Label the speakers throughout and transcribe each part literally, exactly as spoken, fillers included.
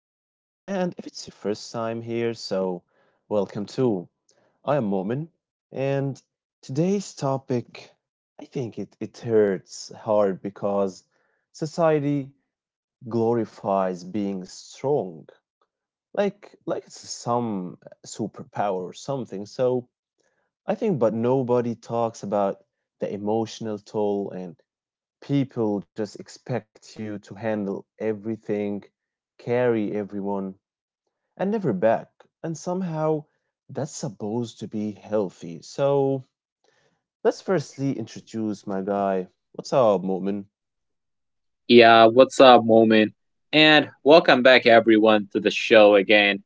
Speaker 1: And if it's your first time here, so welcome too. I am Momin, and today's topic, I think it, it hurts hard because society glorifies being strong, like like it's some superpower or something. So I think, but nobody talks about the emotional toll, and people just expect you to handle everything, carry everyone, and never back. And somehow that's supposed to be healthy. So let's firstly introduce my guy. What's up, Mu'min?
Speaker 2: Yeah, what's up, Moment? And welcome back, everyone, to the show again.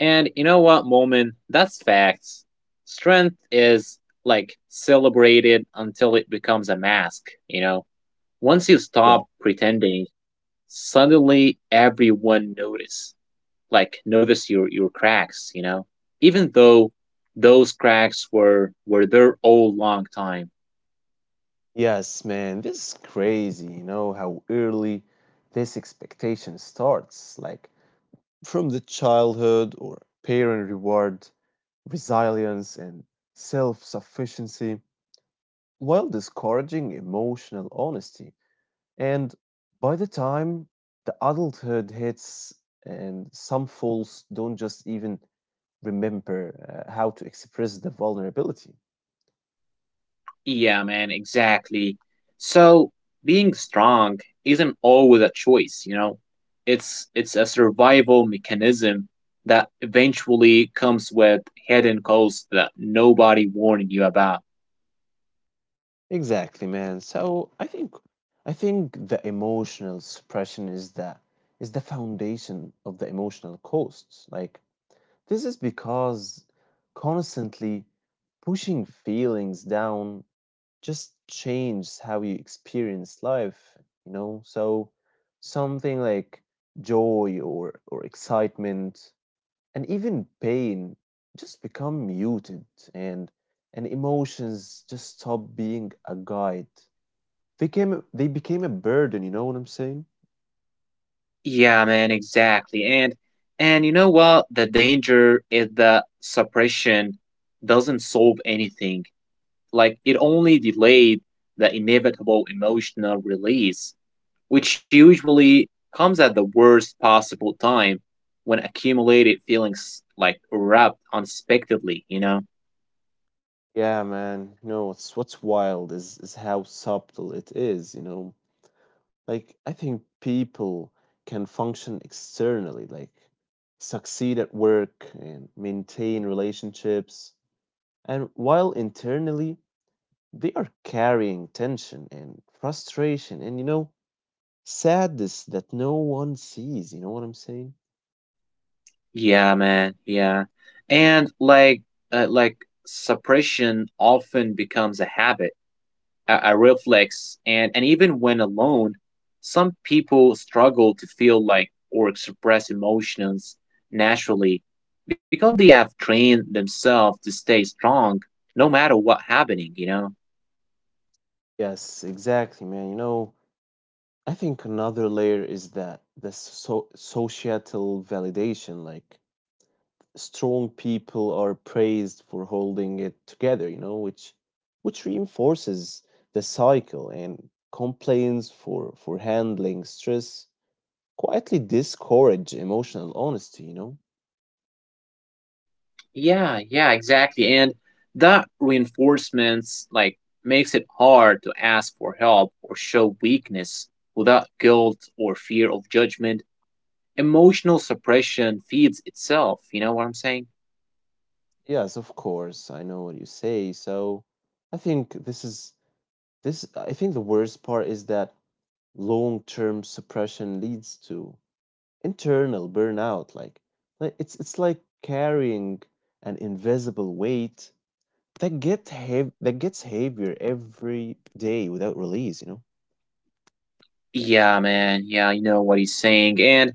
Speaker 2: And you know what, Moment? That's facts. Strength is like celebrated until it becomes a mask, you know? Once you
Speaker 1: Yeah.
Speaker 2: stop pretending, suddenly everyone notice. Like notice your your cracks, you know? Even though those cracks were were there all long time.
Speaker 1: Yes, man. This is crazy, you know, how early this expectation starts. Like from the childhood, or parent reward, resilience, and self sufficiency while discouraging emotional honesty. And by the time the adulthood hits, and some fools don't just even remember uh, how to express the vulnerability.
Speaker 2: Yeah, man, exactly. So being strong isn't always a choice, you know. It's it's a survival mechanism that eventually comes with hidden costs that nobody warned you about.
Speaker 1: Exactly, man. So I think I think the emotional suppression is the is the foundation of the emotional costs. Like this is because constantly pushing feelings down just changed how you experience life, you know. So something like joy or or excitement and even pain just become muted, and and emotions just stop being a guide. They came they became a burden, you know what I'm saying?
Speaker 2: Yeah, man, exactly. And and you know what? The danger is that suppression doesn't solve anything. Like it only delayed the inevitable emotional release, which usually comes at the worst possible time when accumulated feelings like erupt unexpectedly, you know?
Speaker 1: Yeah, man. You know what's what's wild is is how subtle it is, you know. Like, I think people can function externally, like succeed at work and maintain relationships. And while internally, they are carrying tension and frustration and, you know, sadness that no one sees. You know what I'm saying?
Speaker 2: Yeah, man. Yeah. And like uh, like suppression often becomes a habit, a, a reflex, and and even when alone, some people struggle to feel like or express emotions naturally because they have trained themselves to stay strong no matter what happening, you know?
Speaker 1: Yes, exactly, man. You know, I think another layer is that the so societal validation, like strong people are praised for holding it together, you know, which which reinforces the cycle, and complaints for for handling stress quietly discourage emotional honesty, you know.
Speaker 2: Yeah, yeah, exactly. And that reinforcements like makes it hard to ask for help or show weakness without guilt or fear of judgment. Emotional suppression feeds itself, you know what I'm saying?
Speaker 1: Yes, of course, I know what you say. So I think this is this I think the worst part is that long-term suppression leads to internal burnout. Like, like, it's it's like carrying an invisible weight That get heav that gets heavier every day without release, you know?
Speaker 2: Yeah, man. Yeah, I know what he's saying. And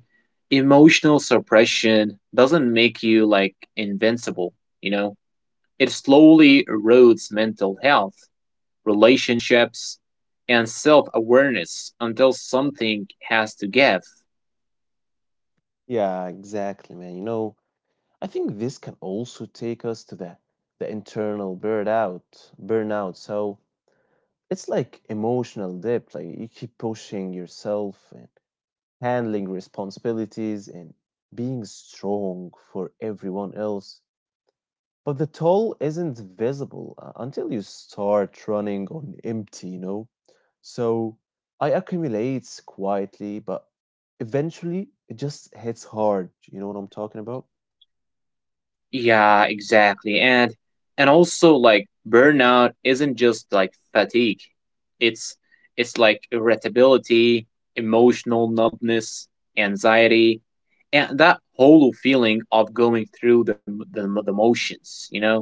Speaker 2: emotional suppression doesn't make you like invincible, you know? It slowly erodes mental health, relationships, and self awareness until something has to give.
Speaker 1: Yeah, exactly, man. You know, I think this can also take us to the the internal burnout, burnout. So it's like emotional depth. Like you keep pushing yourself and handling responsibilities and being strong for everyone else. But the toll isn't visible uh, until you start running on empty, you know? So I accumulates quietly, but eventually it just hits hard. You know what I'm talking about?
Speaker 2: Yeah, exactly. And and also like burnout isn't just like fatigue. It's it's like irritability, emotional numbness, anxiety, and that whole feeling of going through the the, the motions, you know?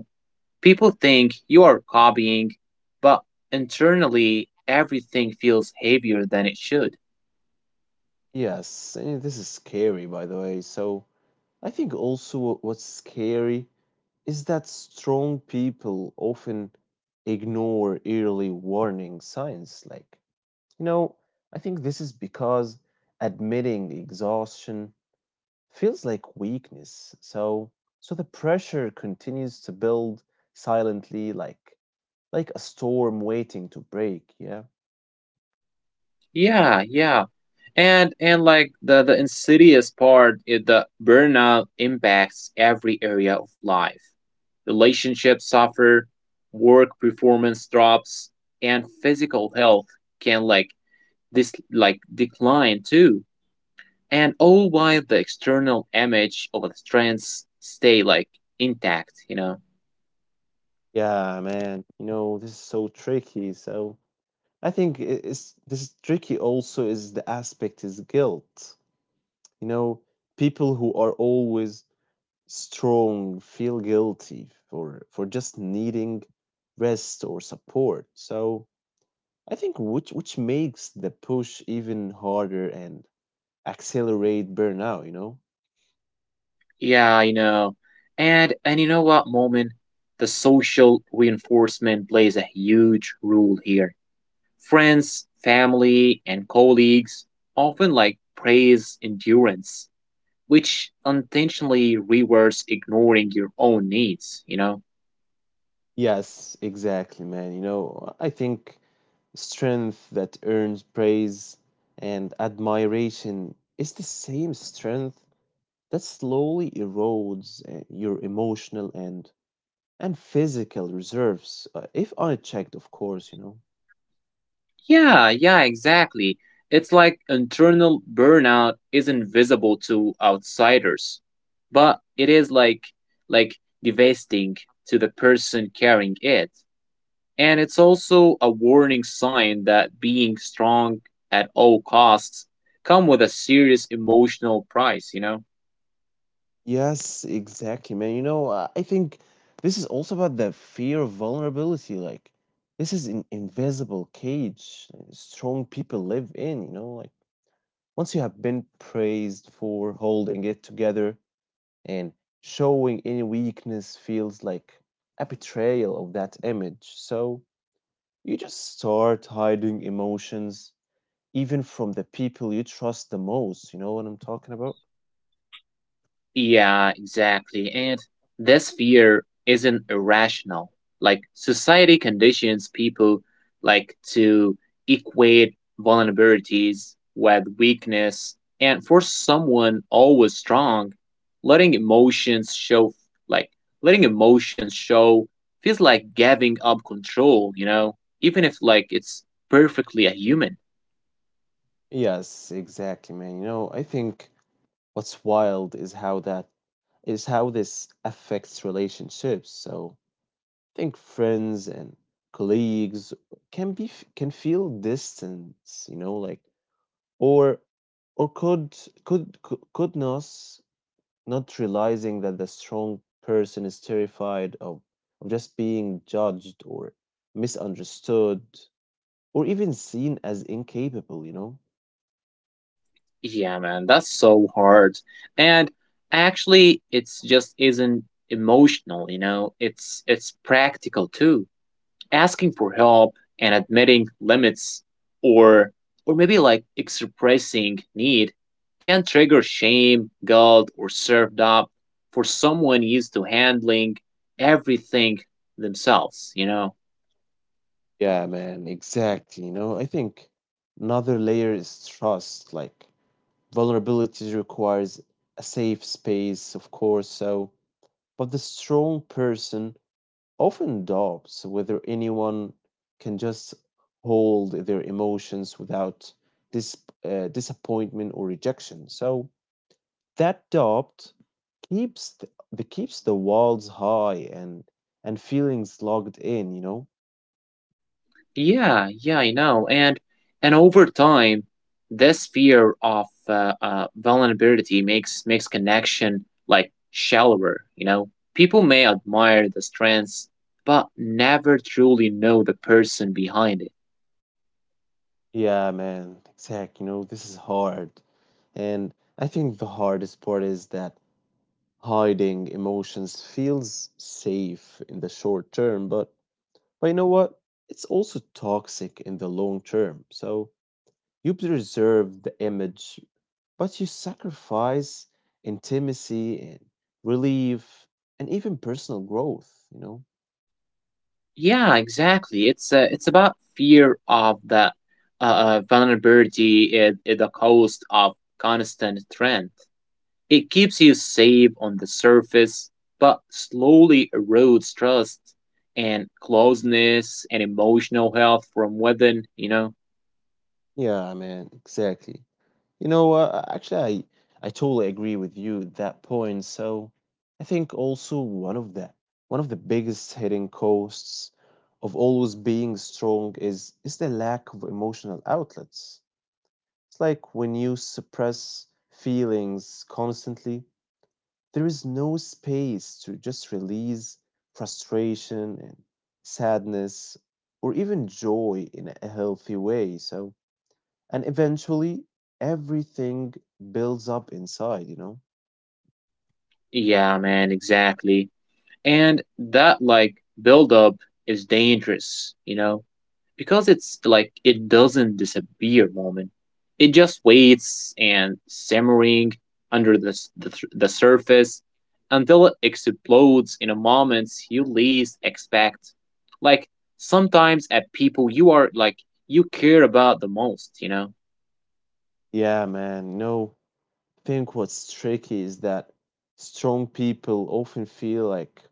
Speaker 2: People think you are copying, but internally everything feels heavier than it should.
Speaker 1: Yes, and this is scary, by the way. So I think also what- what's scary is that strong people often ignore early warning signs. Like, you know, I think this is because admitting exhaustion feels like weakness. So so the pressure continues to build silently, like like a storm waiting to break, yeah.
Speaker 2: Yeah, yeah. and and like the the insidious part is the burnout impacts every area of life. Relationships suffer, work performance drops, and physical health can like this like decline too, and all while the external image of the strengths stay like intact, you know?
Speaker 1: Yeah, man. You know, this is so tricky. So I think i- it's this is tricky also is the aspect is guilt. You know, people who are always strong feel guilty for for just needing rest or support. So I think which which makes the push even harder and accelerate burnout, you know?
Speaker 2: Yeah, you know. And and you know what, Moment? The social reinforcement plays a huge role here. Friends, family, and colleagues often like praise endurance, which unintentionally rewards ignoring your own needs, you know?
Speaker 1: Yes, exactly, man. You know, I think strength that earns praise and admiration is the same strength that slowly erodes uh, your emotional and and physical reserves, uh, if unchecked, of course, you know.
Speaker 2: Yeah, yeah, exactly. It's like internal burnout isn't visible to outsiders, but it is like like devastating to the person carrying it. And it's also a warning sign that being strong at all costs come with a serious emotional price, you know?
Speaker 1: Yes, exactly, man. You know, uh, I think this is also about the fear of vulnerability. Like, this is an invisible cage uh, strong people live in, you know. Like once you have been praised for holding it together, and showing any weakness feels like a betrayal of that image. So you just start hiding emotions, even from the people you trust the most. You know what I'm talking about?
Speaker 2: Yeah, exactly. And this fear isn't irrational. Like society conditions people like to equate vulnerabilities with weakness, and for someone always strong, letting emotions show like letting emotions show feels like giving up control, you know, even if like it's perfectly a human.
Speaker 1: Yes, exactly, man. You know, I think what's wild is how that is how this affects relationships. So I think friends and colleagues can be f- can feel distance, you know. Like or or could could could could Nas not realizing that the strong person is terrified of of just being judged or misunderstood or even seen as incapable, you know?
Speaker 2: Yeah, man, that's so hard. And actually, it's just isn't emotional, you know? It's it's practical too. Asking for help and admitting limits, or or maybe like expressing need can trigger shame, guilt, or self-doubt for someone used to handling everything themselves, you know?
Speaker 1: Yeah, man, exactly. You know, I think another layer is trust. Like vulnerability requires a safe space, of course. So, but the strong person often doubts whether anyone can just hold their emotions without dis- uh, disappointment or rejection. So that doubt keeps the, the keeps the walls high, and and feelings logged in. You know.
Speaker 2: Yeah, yeah, I know. And and over time, this fear of uh, uh, vulnerability makes makes connection like shallower. You know, people may admire the strengths, but never truly know the person behind it.
Speaker 1: Yeah, man. Exact. You know, this is hard, and I think the hardest part is that hiding emotions feels safe in the short term, but But you know what? It's also toxic in the long term. So you preserve the image, but you sacrifice intimacy and relief and even personal growth, you know?
Speaker 2: Yeah, exactly. It's uh, it's about fear of the uh, uh, vulnerability at, at the cost of constant strength. It keeps you safe on the surface, but slowly erodes trust and closeness and emotional health from within, you know?
Speaker 1: Yeah, man, exactly. You know, uh, actually, I, I totally agree with you at that point. So I think also one of the one of the biggest hidden costs of always being strong is is the lack of emotional outlets. It's like when you suppress feelings constantly, there is no space to just release frustration and sadness or even joy in a healthy way. So, and eventually everything builds up inside, you know?
Speaker 2: Yeah, man, exactly. And that like buildup is dangerous, you know? Because it's like it doesn't disappear, Moment. It just waits and simmering under the, the, the surface until it explodes in a moment you least expect, like sometimes at people you are like you care about the most, you know?
Speaker 1: Yeah, man. No, I think what's tricky is that strong people often feel like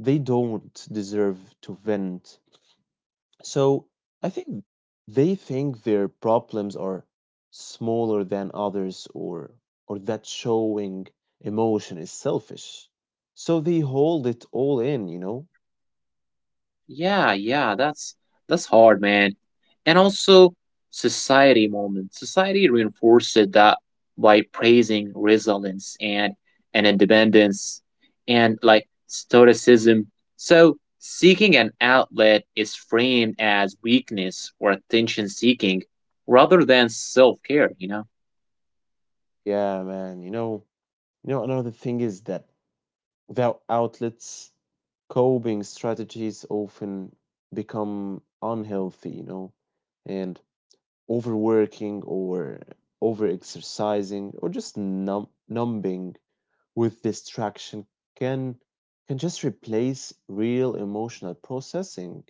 Speaker 1: they don't deserve to vent. So I think they think their problems are smaller than others, or or that showing emotion is selfish. So they hold it all in, you know?
Speaker 2: Yeah, yeah, that's that's hard man. And also society, Moment. Society reinforced that by praising resilience, and, and independence and like stoicism. So seeking an outlet is framed as weakness or attention seeking rather than self care, you know?
Speaker 1: Yeah, man, you know, you know another thing is that without outlets, coping strategies often become unhealthy, you know, and overworking or over exercising or just numb numbing with distraction can can just replace real emotional processing,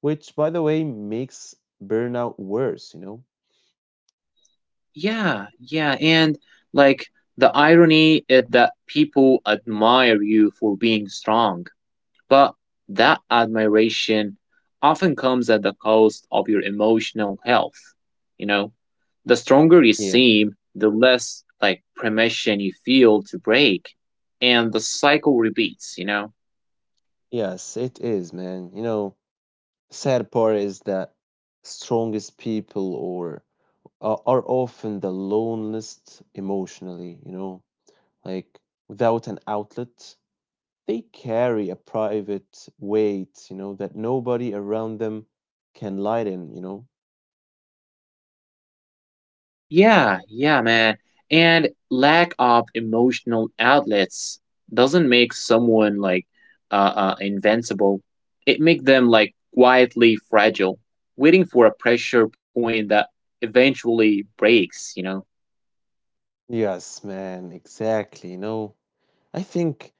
Speaker 1: which by the way makes burnout worse, you know?
Speaker 2: Yeah, yeah. And like the irony is that people admire you for being strong, but that admiration often comes at the cost of your emotional health. You know, the stronger you
Speaker 1: Yeah.
Speaker 2: seem, the less like permission you feel to break. And the cycle repeats, you know?
Speaker 1: Yes, it is, man. You know, sad part is that strongest people or are are often the loneliest emotionally, you know. Like without an outlet, they carry a private weight, you know, that nobody around them can lighten, you know.
Speaker 2: Yeah, yeah, man. And lack of emotional outlets doesn't make someone like uh, uh invincible. It make them like quietly fragile, waiting for a pressure point that eventually breaks, you know?
Speaker 1: Yes, man, exactly. You know, I think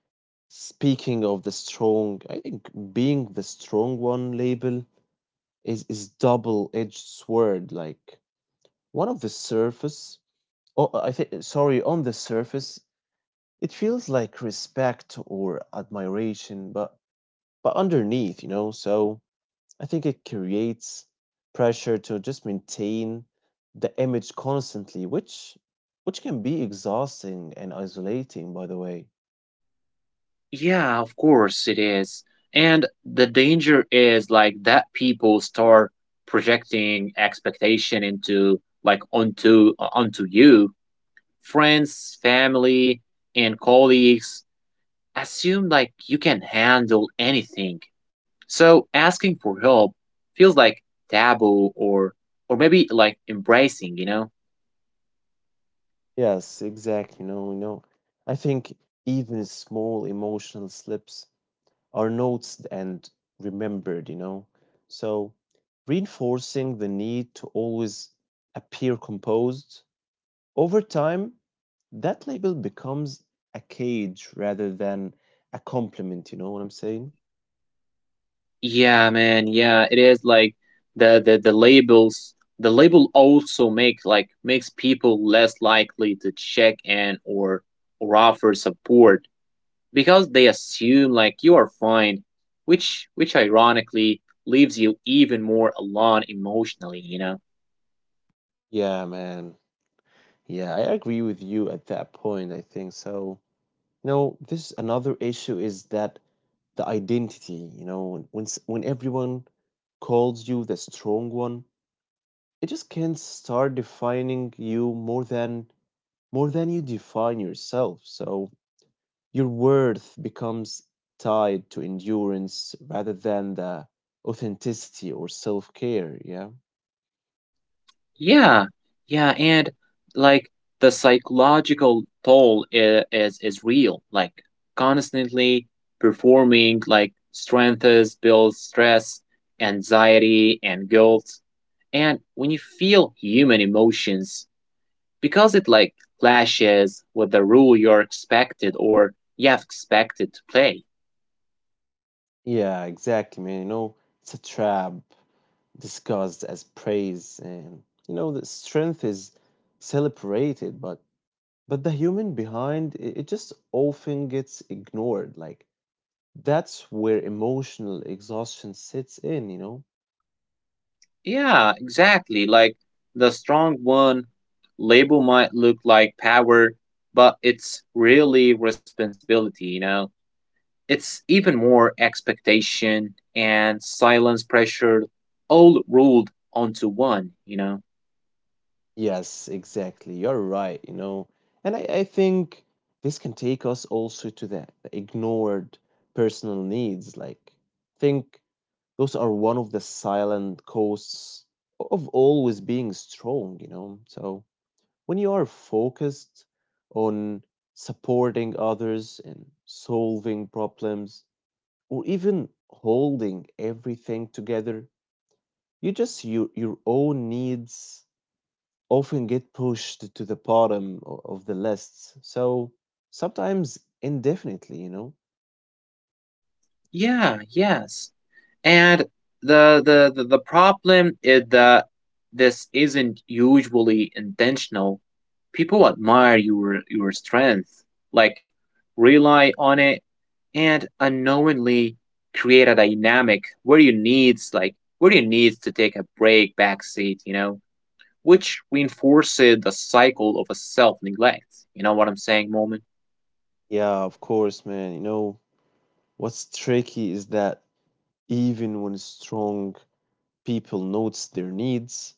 Speaker 1: speaking of the strong, I think being the strong one label is is double-edged sword. Like one of the surface, oh, I think sorry, on the surface, it feels like respect or admiration, but but underneath, you know. So I think it creates pressure to just maintain the image constantly, which which can be exhausting and isolating, by the way.
Speaker 2: Yeah, of course it is. And the danger is like that people start projecting expectation into like onto uh, onto you. Friends, family, and colleagues assume like you can handle anything. So asking for help feels like taboo, or or maybe like embracing, you know?
Speaker 1: Yes, exactly. No, no. I think even small emotional slips are noticed and remembered, you know. So reinforcing the need to always appear composed, over time, that label becomes a cage rather than a compliment, you know what I'm saying?
Speaker 2: Yeah, man. Yeah, it is like the the the labels. The label also make like makes people less likely to check in or or offer support because they assume like you are fine, which which ironically leaves you even more alone emotionally, you know.
Speaker 1: Yeah, man. Yeah, I agree with you at that point, I think so. You know, this another issue is that the identity, you know, when when, s- when everyone calls you the strong one, it just can start defining you more than more than you define yourself. So your worth becomes tied to endurance rather than the authenticity or self-care, yeah?
Speaker 2: Yeah, yeah, and like the psychological toll is is, is real. Like constantly performing like strengths builds stress, anxiety, and guilt. And when you feel human emotions, because it like clashes with the rule you're expected or you have expected to play.
Speaker 1: Yeah, exactly, man. You know, it's a trap disguised as praise. And you know the strength is celebrated, but But the human behind it it just often gets ignored. Like, that's where emotional exhaustion sits in, you know?
Speaker 2: Yeah, exactly. Like the strong one label might look like power, but it's really responsibility, you know? It's even more expectation and silence pressure all rolled onto one, you know?
Speaker 1: Yes, exactly. You're right, you know? And I, I think this can take us also to the the ignored personal needs. Like, think those are one of the silent costs of always being strong, you know? So, when you are focused on supporting others and solving problems, or even holding everything together, you just your your own needs often get pushed to the bottom o- of the lists. So sometimes indefinitely, you know.
Speaker 2: Yeah, yes. And the the the, the problem is that this isn't usually intentional. People admire your your strength, like rely on it, and unknowingly create a dynamic where you needs like where you needs to take a break backseat, you know, which reinforces the cycle of a self neglect. You know what I'm saying, Moment?
Speaker 1: Yeah, of course, man. You know what's tricky is that even when strong people notice their needs,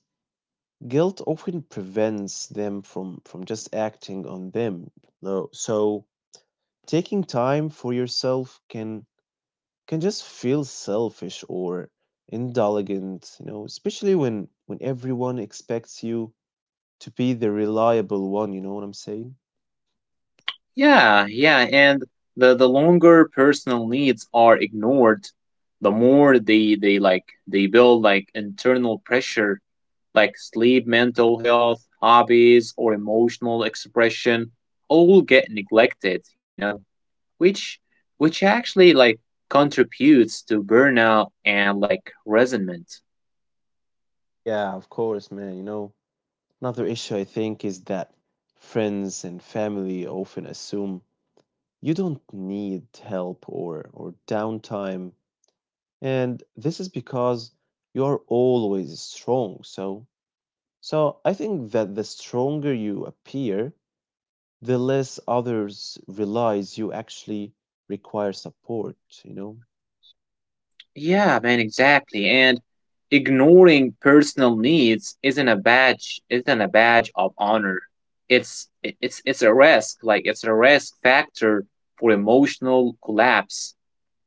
Speaker 1: guilt often prevents them from from just acting on them. No, so taking time for yourself can can just feel selfish or indulgent, you know, especially when when everyone expects you to be the reliable one, you know what I'm saying?
Speaker 2: Yeah, yeah, and the the longer personal needs are ignored, the more they they like they build like internal pressure, like sleep, mental health, hobbies, or emotional expression, all get neglected, you know, which which actually like contributes to burnout and like resentment.
Speaker 1: Yeah, of course, man. You know, another issue I think is that friends and family often assume you don't need help or or downtime, and this is because you're always strong. So so I think that the stronger you appear, the less others realize you actually require support, you know.
Speaker 2: Yeah, man, exactly. And ignoring personal needs isn't a badge, isn't a badge of honor. It's it- it's it's a risk, like it's a risk factor for emotional collapse.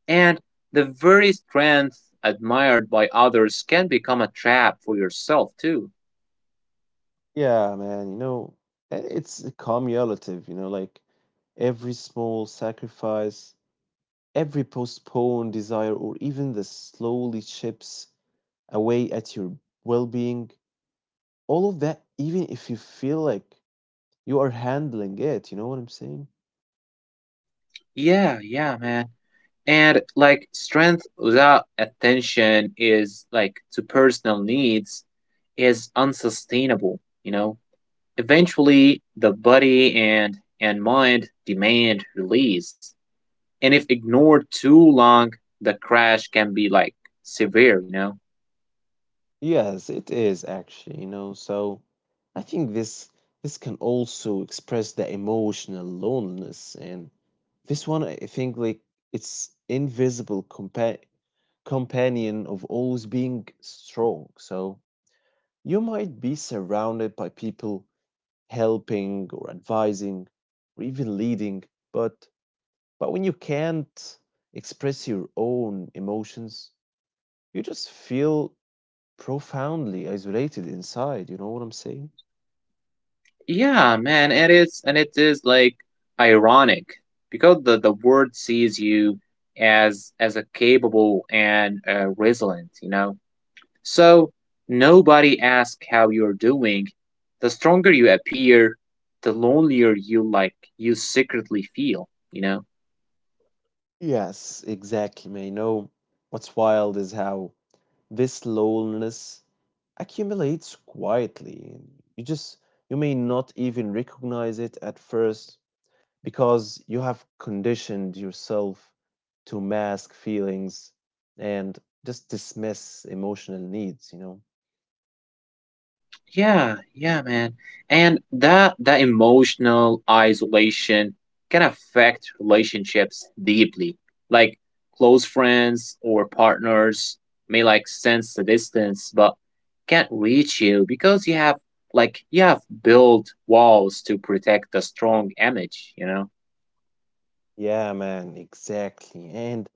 Speaker 2: And the very strength admired by others can become a trap for yourself too.
Speaker 1: Yeah, man, you know, i- it's cumulative, you know. Like every small sacrifice, every postponed desire or even the slowly chips away at your well-being, all of that, even if you feel like you are handling it, you know what I'm saying?
Speaker 2: Yeah, yeah, man. And like strength without attention is like to personal needs is unsustainable, you know? Eventually, the body and, and mind demand release. And if ignored too long, the crash can be like severe, you know?
Speaker 1: Yes, it is actually, you know. So I think this this can also express the emotional loneliness, and this one I think like it's invisible compa companion of always being strong. So you might be surrounded by people helping or advising or even leading, but but when you can't express your own emotions, you just feel profoundly isolated inside. You know what I'm saying?
Speaker 2: Yeah, man, it is, and it is like ironic because the, the world sees you as as a capable and uh, resilient, you know. So nobody asks how you're doing. The stronger you appear, the lonelier you like you secretly feel, you know.
Speaker 1: Yes, exactly, man. You know, what's wild is how this loneliness accumulates quietly. You just, you may not even recognize it at first, because you have conditioned yourself to mask feelings and just dismiss emotional needs, you know?
Speaker 2: Yeah, yeah, man. And that that emotional isolation can affect relationships deeply. Like close friends or partners may like sense the distance but can't reach you because you have like you have built walls to protect the strong image, you know?
Speaker 1: Yeah, man, exactly. And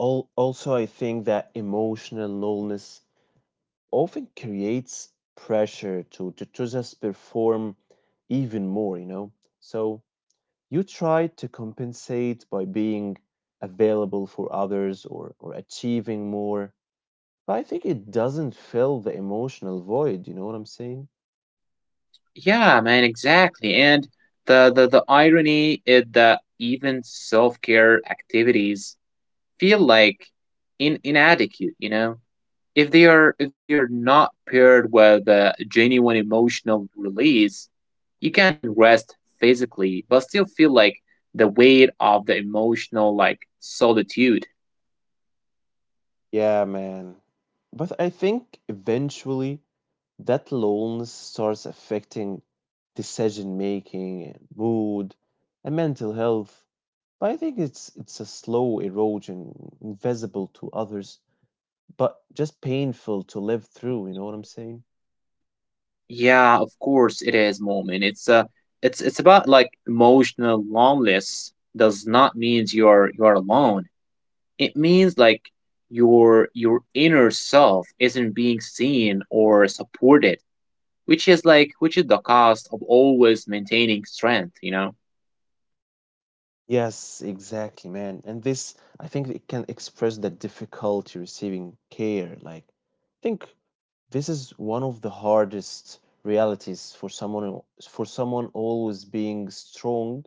Speaker 1: al- also, I think that emotional nullness often creates pressure to, to, to just perform even more, you know? So you try to compensate by being available for others or, or achieving more. But I think it doesn't fill the emotional void, you know what I'm saying?
Speaker 2: Yeah, man, exactly. And the the, the irony is that even self-care activities feel like in inadequate, you know? If they are if they are not paired with a genuine emotional release, you can rest physically but still feel like the weight of the emotional like solitude.
Speaker 1: Yeah, man. But I think eventually that loneliness starts affecting decision making and mood and mental health. But I think it's it's a slow erosion, invisible to others, but just painful to live through, you know what I'm saying?
Speaker 2: Yeah, of course it is, Moment. It's uh it's it's about like emotional loneliness does not mean you're you're alone. It means like your your inner self isn't being seen or supported, which is like which is the cost of always maintaining strength, you know.
Speaker 1: Yes, exactly, man. And this, I think it can express the difficulty receiving care. Like, think, this is one of the hardest realities for someone, for someone always being strong.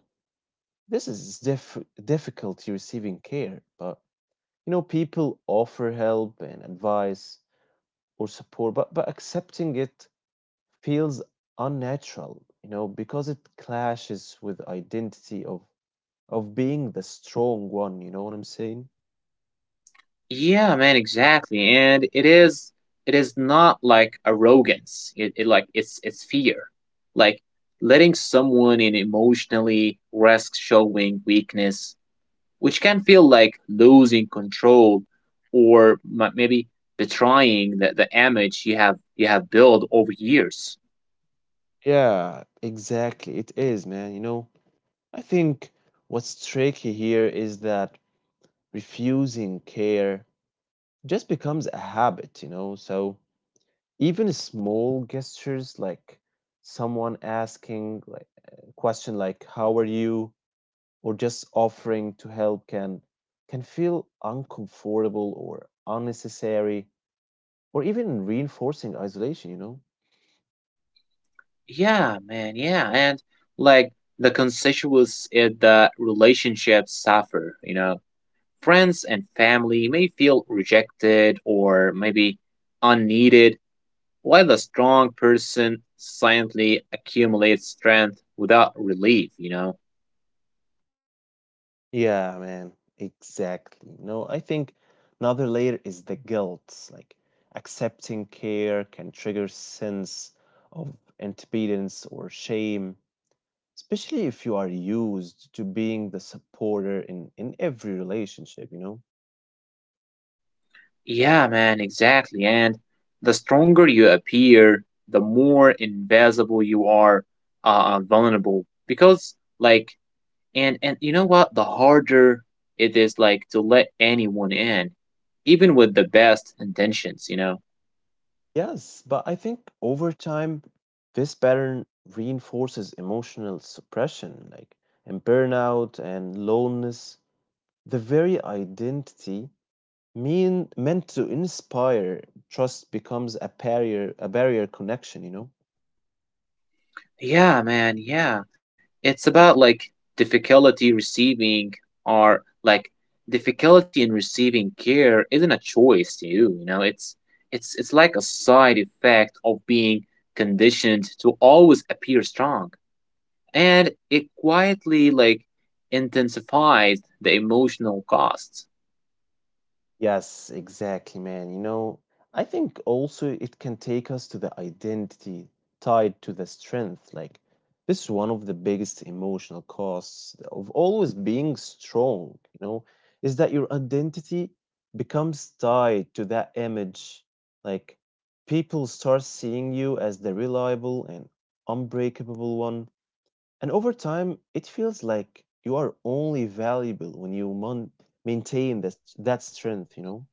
Speaker 1: This is diff- difficulty receiving care, but you know, people offer help and advice or support, but but accepting it feels unnatural, you know, because it clashes with identity of of being the strong one. You know what I'm saying?
Speaker 2: Yeah, man, exactly. And it is, it is not like arrogance, it, it like it's it's fear. Like letting someone in emotionally risks showing weakness, which can feel like losing control, or m- maybe betraying the, the image you have you have built over years.
Speaker 1: Yeah, exactly. It is, man. You know, I think what's tricky here is that refusing care just becomes a habit, you know? So even small gestures like someone asking like a question like how are you or just offering to help can can feel uncomfortable or unnecessary or even reinforcing isolation, you know?
Speaker 2: Yeah, man, yeah. And like the constituents in the relationship suffer, you know. Friends and family may feel rejected or maybe unneeded, while the strong person silently accumulates strength without relief, you know.
Speaker 1: Yeah, man, exactly. No, I think another layer is the guilt. Like accepting care can trigger sense of impotence or shame, especially if you are used to being the supporter in in every relationship, you know?
Speaker 2: Yeah, man, exactly. And the stronger you appear, the more invisible you are, uh, uh, vulnerable. Because, like, And and you know what? The harder it is like to let anyone in, even with the best intentions, you know.
Speaker 1: Yes, but I think over time this pattern reinforces emotional suppression, like in burnout and loneliness, the very identity mean meant to inspire trust becomes a barrier, a barrier connection, you know?
Speaker 2: Yeah, man, yeah. It's about like difficulty receiving, or like difficulty in receiving care isn't a choice to you, you know. It's it's it's like a side effect of being conditioned to always appear strong. And it quietly like intensifies the emotional costs.
Speaker 1: Yes, exactly, man. You know, I think also it can take us to the identity tied to the strength. Like, this is one of the biggest emotional costs of always being strong, you know, is that your identity becomes tied to that image. Like, people start seeing you as the reliable and unbreakable one, and over time, it feels like you are only valuable when you mon- maintain that that strength, you know?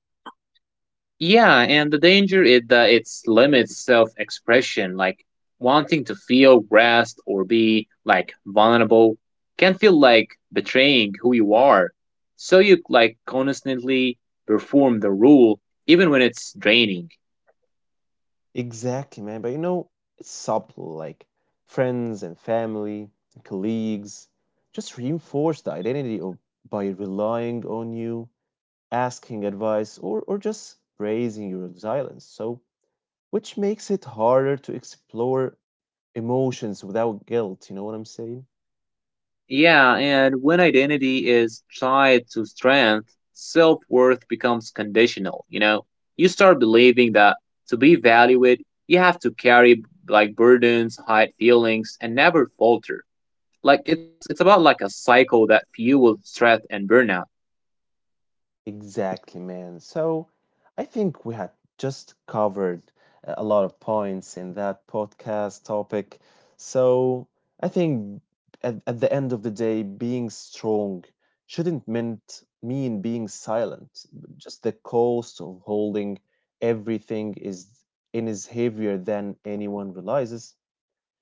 Speaker 2: Yeah, and the danger is that it limits self expression, like wanting to feel rest or be like vulnerable can feel like betraying who you are. So you like constantly perform the rule even when it's draining.
Speaker 1: Exactly, man. But you know, it's subtle, like friends and family, and colleagues just reinforce the identity of by relying on you, asking advice, or or just praising your resilience. So which makes it harder to explore emotions without guilt, you know what I'm saying?
Speaker 2: Yeah, and when identity is tied to strength, self worth becomes conditional, you know? You start believing that to be valued, you have to carry like burdens, hide feelings, and never falter. Like it's it's about like a cycle that fuels stress and burnout.
Speaker 1: Exactly, man. So I think we had just covered uh, a lot of points in that podcast topic. So I think at, at the end of the day, being strong shouldn't meant mean being silent. Just the cost of holding everything is in is heavier than anyone realizes,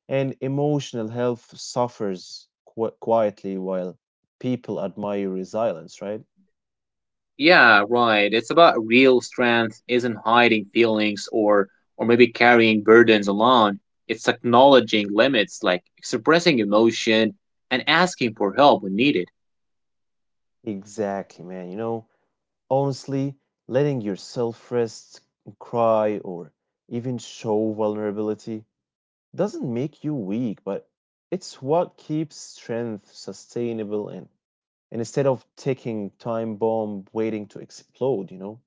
Speaker 1: and emotional health suffers qu- quietly while people admire resilience, right?
Speaker 2: Yeah, right. It's about real strength isn't hiding feelings or or maybe carrying burdens alone. It's acknowledging limits, like expressing emotion and asking for help when needed.
Speaker 1: Exactly, man. You know, honestly, letting yourself rest, cry, or even show vulnerability doesn't make you weak, but it's what keeps strength sustainable and, and instead of taking time bomb waiting to explode, you know?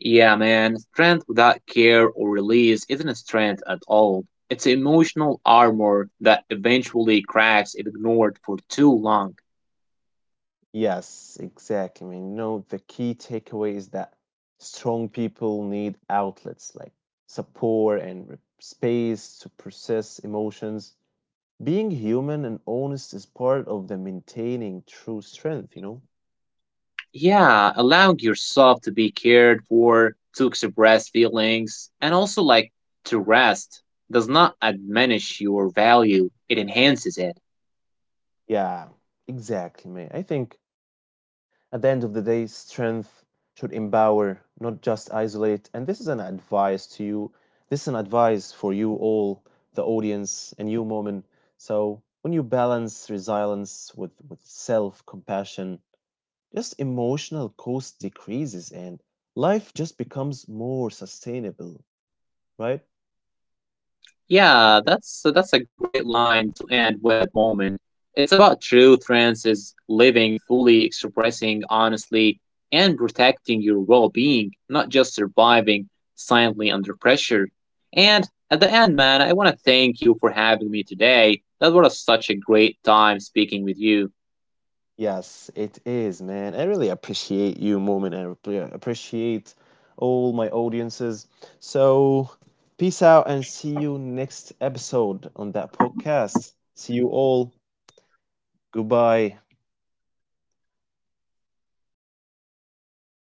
Speaker 2: Yeah, man, strength without care or release isn't a strength at all. It's emotional armor that eventually cracks if ignored for too long.
Speaker 1: Yes, exactly. I mean, you know, the key takeaway is that strong people need outlets like support and re- space to process emotions. Being human and honest is part of the maintaining true strength, you know?
Speaker 2: Yeah, allowing yourself to be cared for, to express feelings, and also like to rest does not diminish your value, it enhances it.
Speaker 1: Yeah, exactly, mate. I think at the end of the day, strength should empower, not just isolate. And this is an advice to you. This is an advice for you all, the audience, and you, Moment. So when you balance resilience with, with self compassion, just emotional cost decreases and life just becomes more sustainable, right?
Speaker 2: Yeah, that's so that's a great line to end with, Moment. It's about true trends is living fully, expressing honestly, and protecting your well-being, not just surviving silently under pressure. And at the end, man, I want to thank you for having me today. That was such a great time speaking with you.
Speaker 1: Yes, it is, man. I really appreciate you, Moment, and appre- appreciate all my audiences. So, peace out and see you next episode on that podcast. See you all. Goodbye.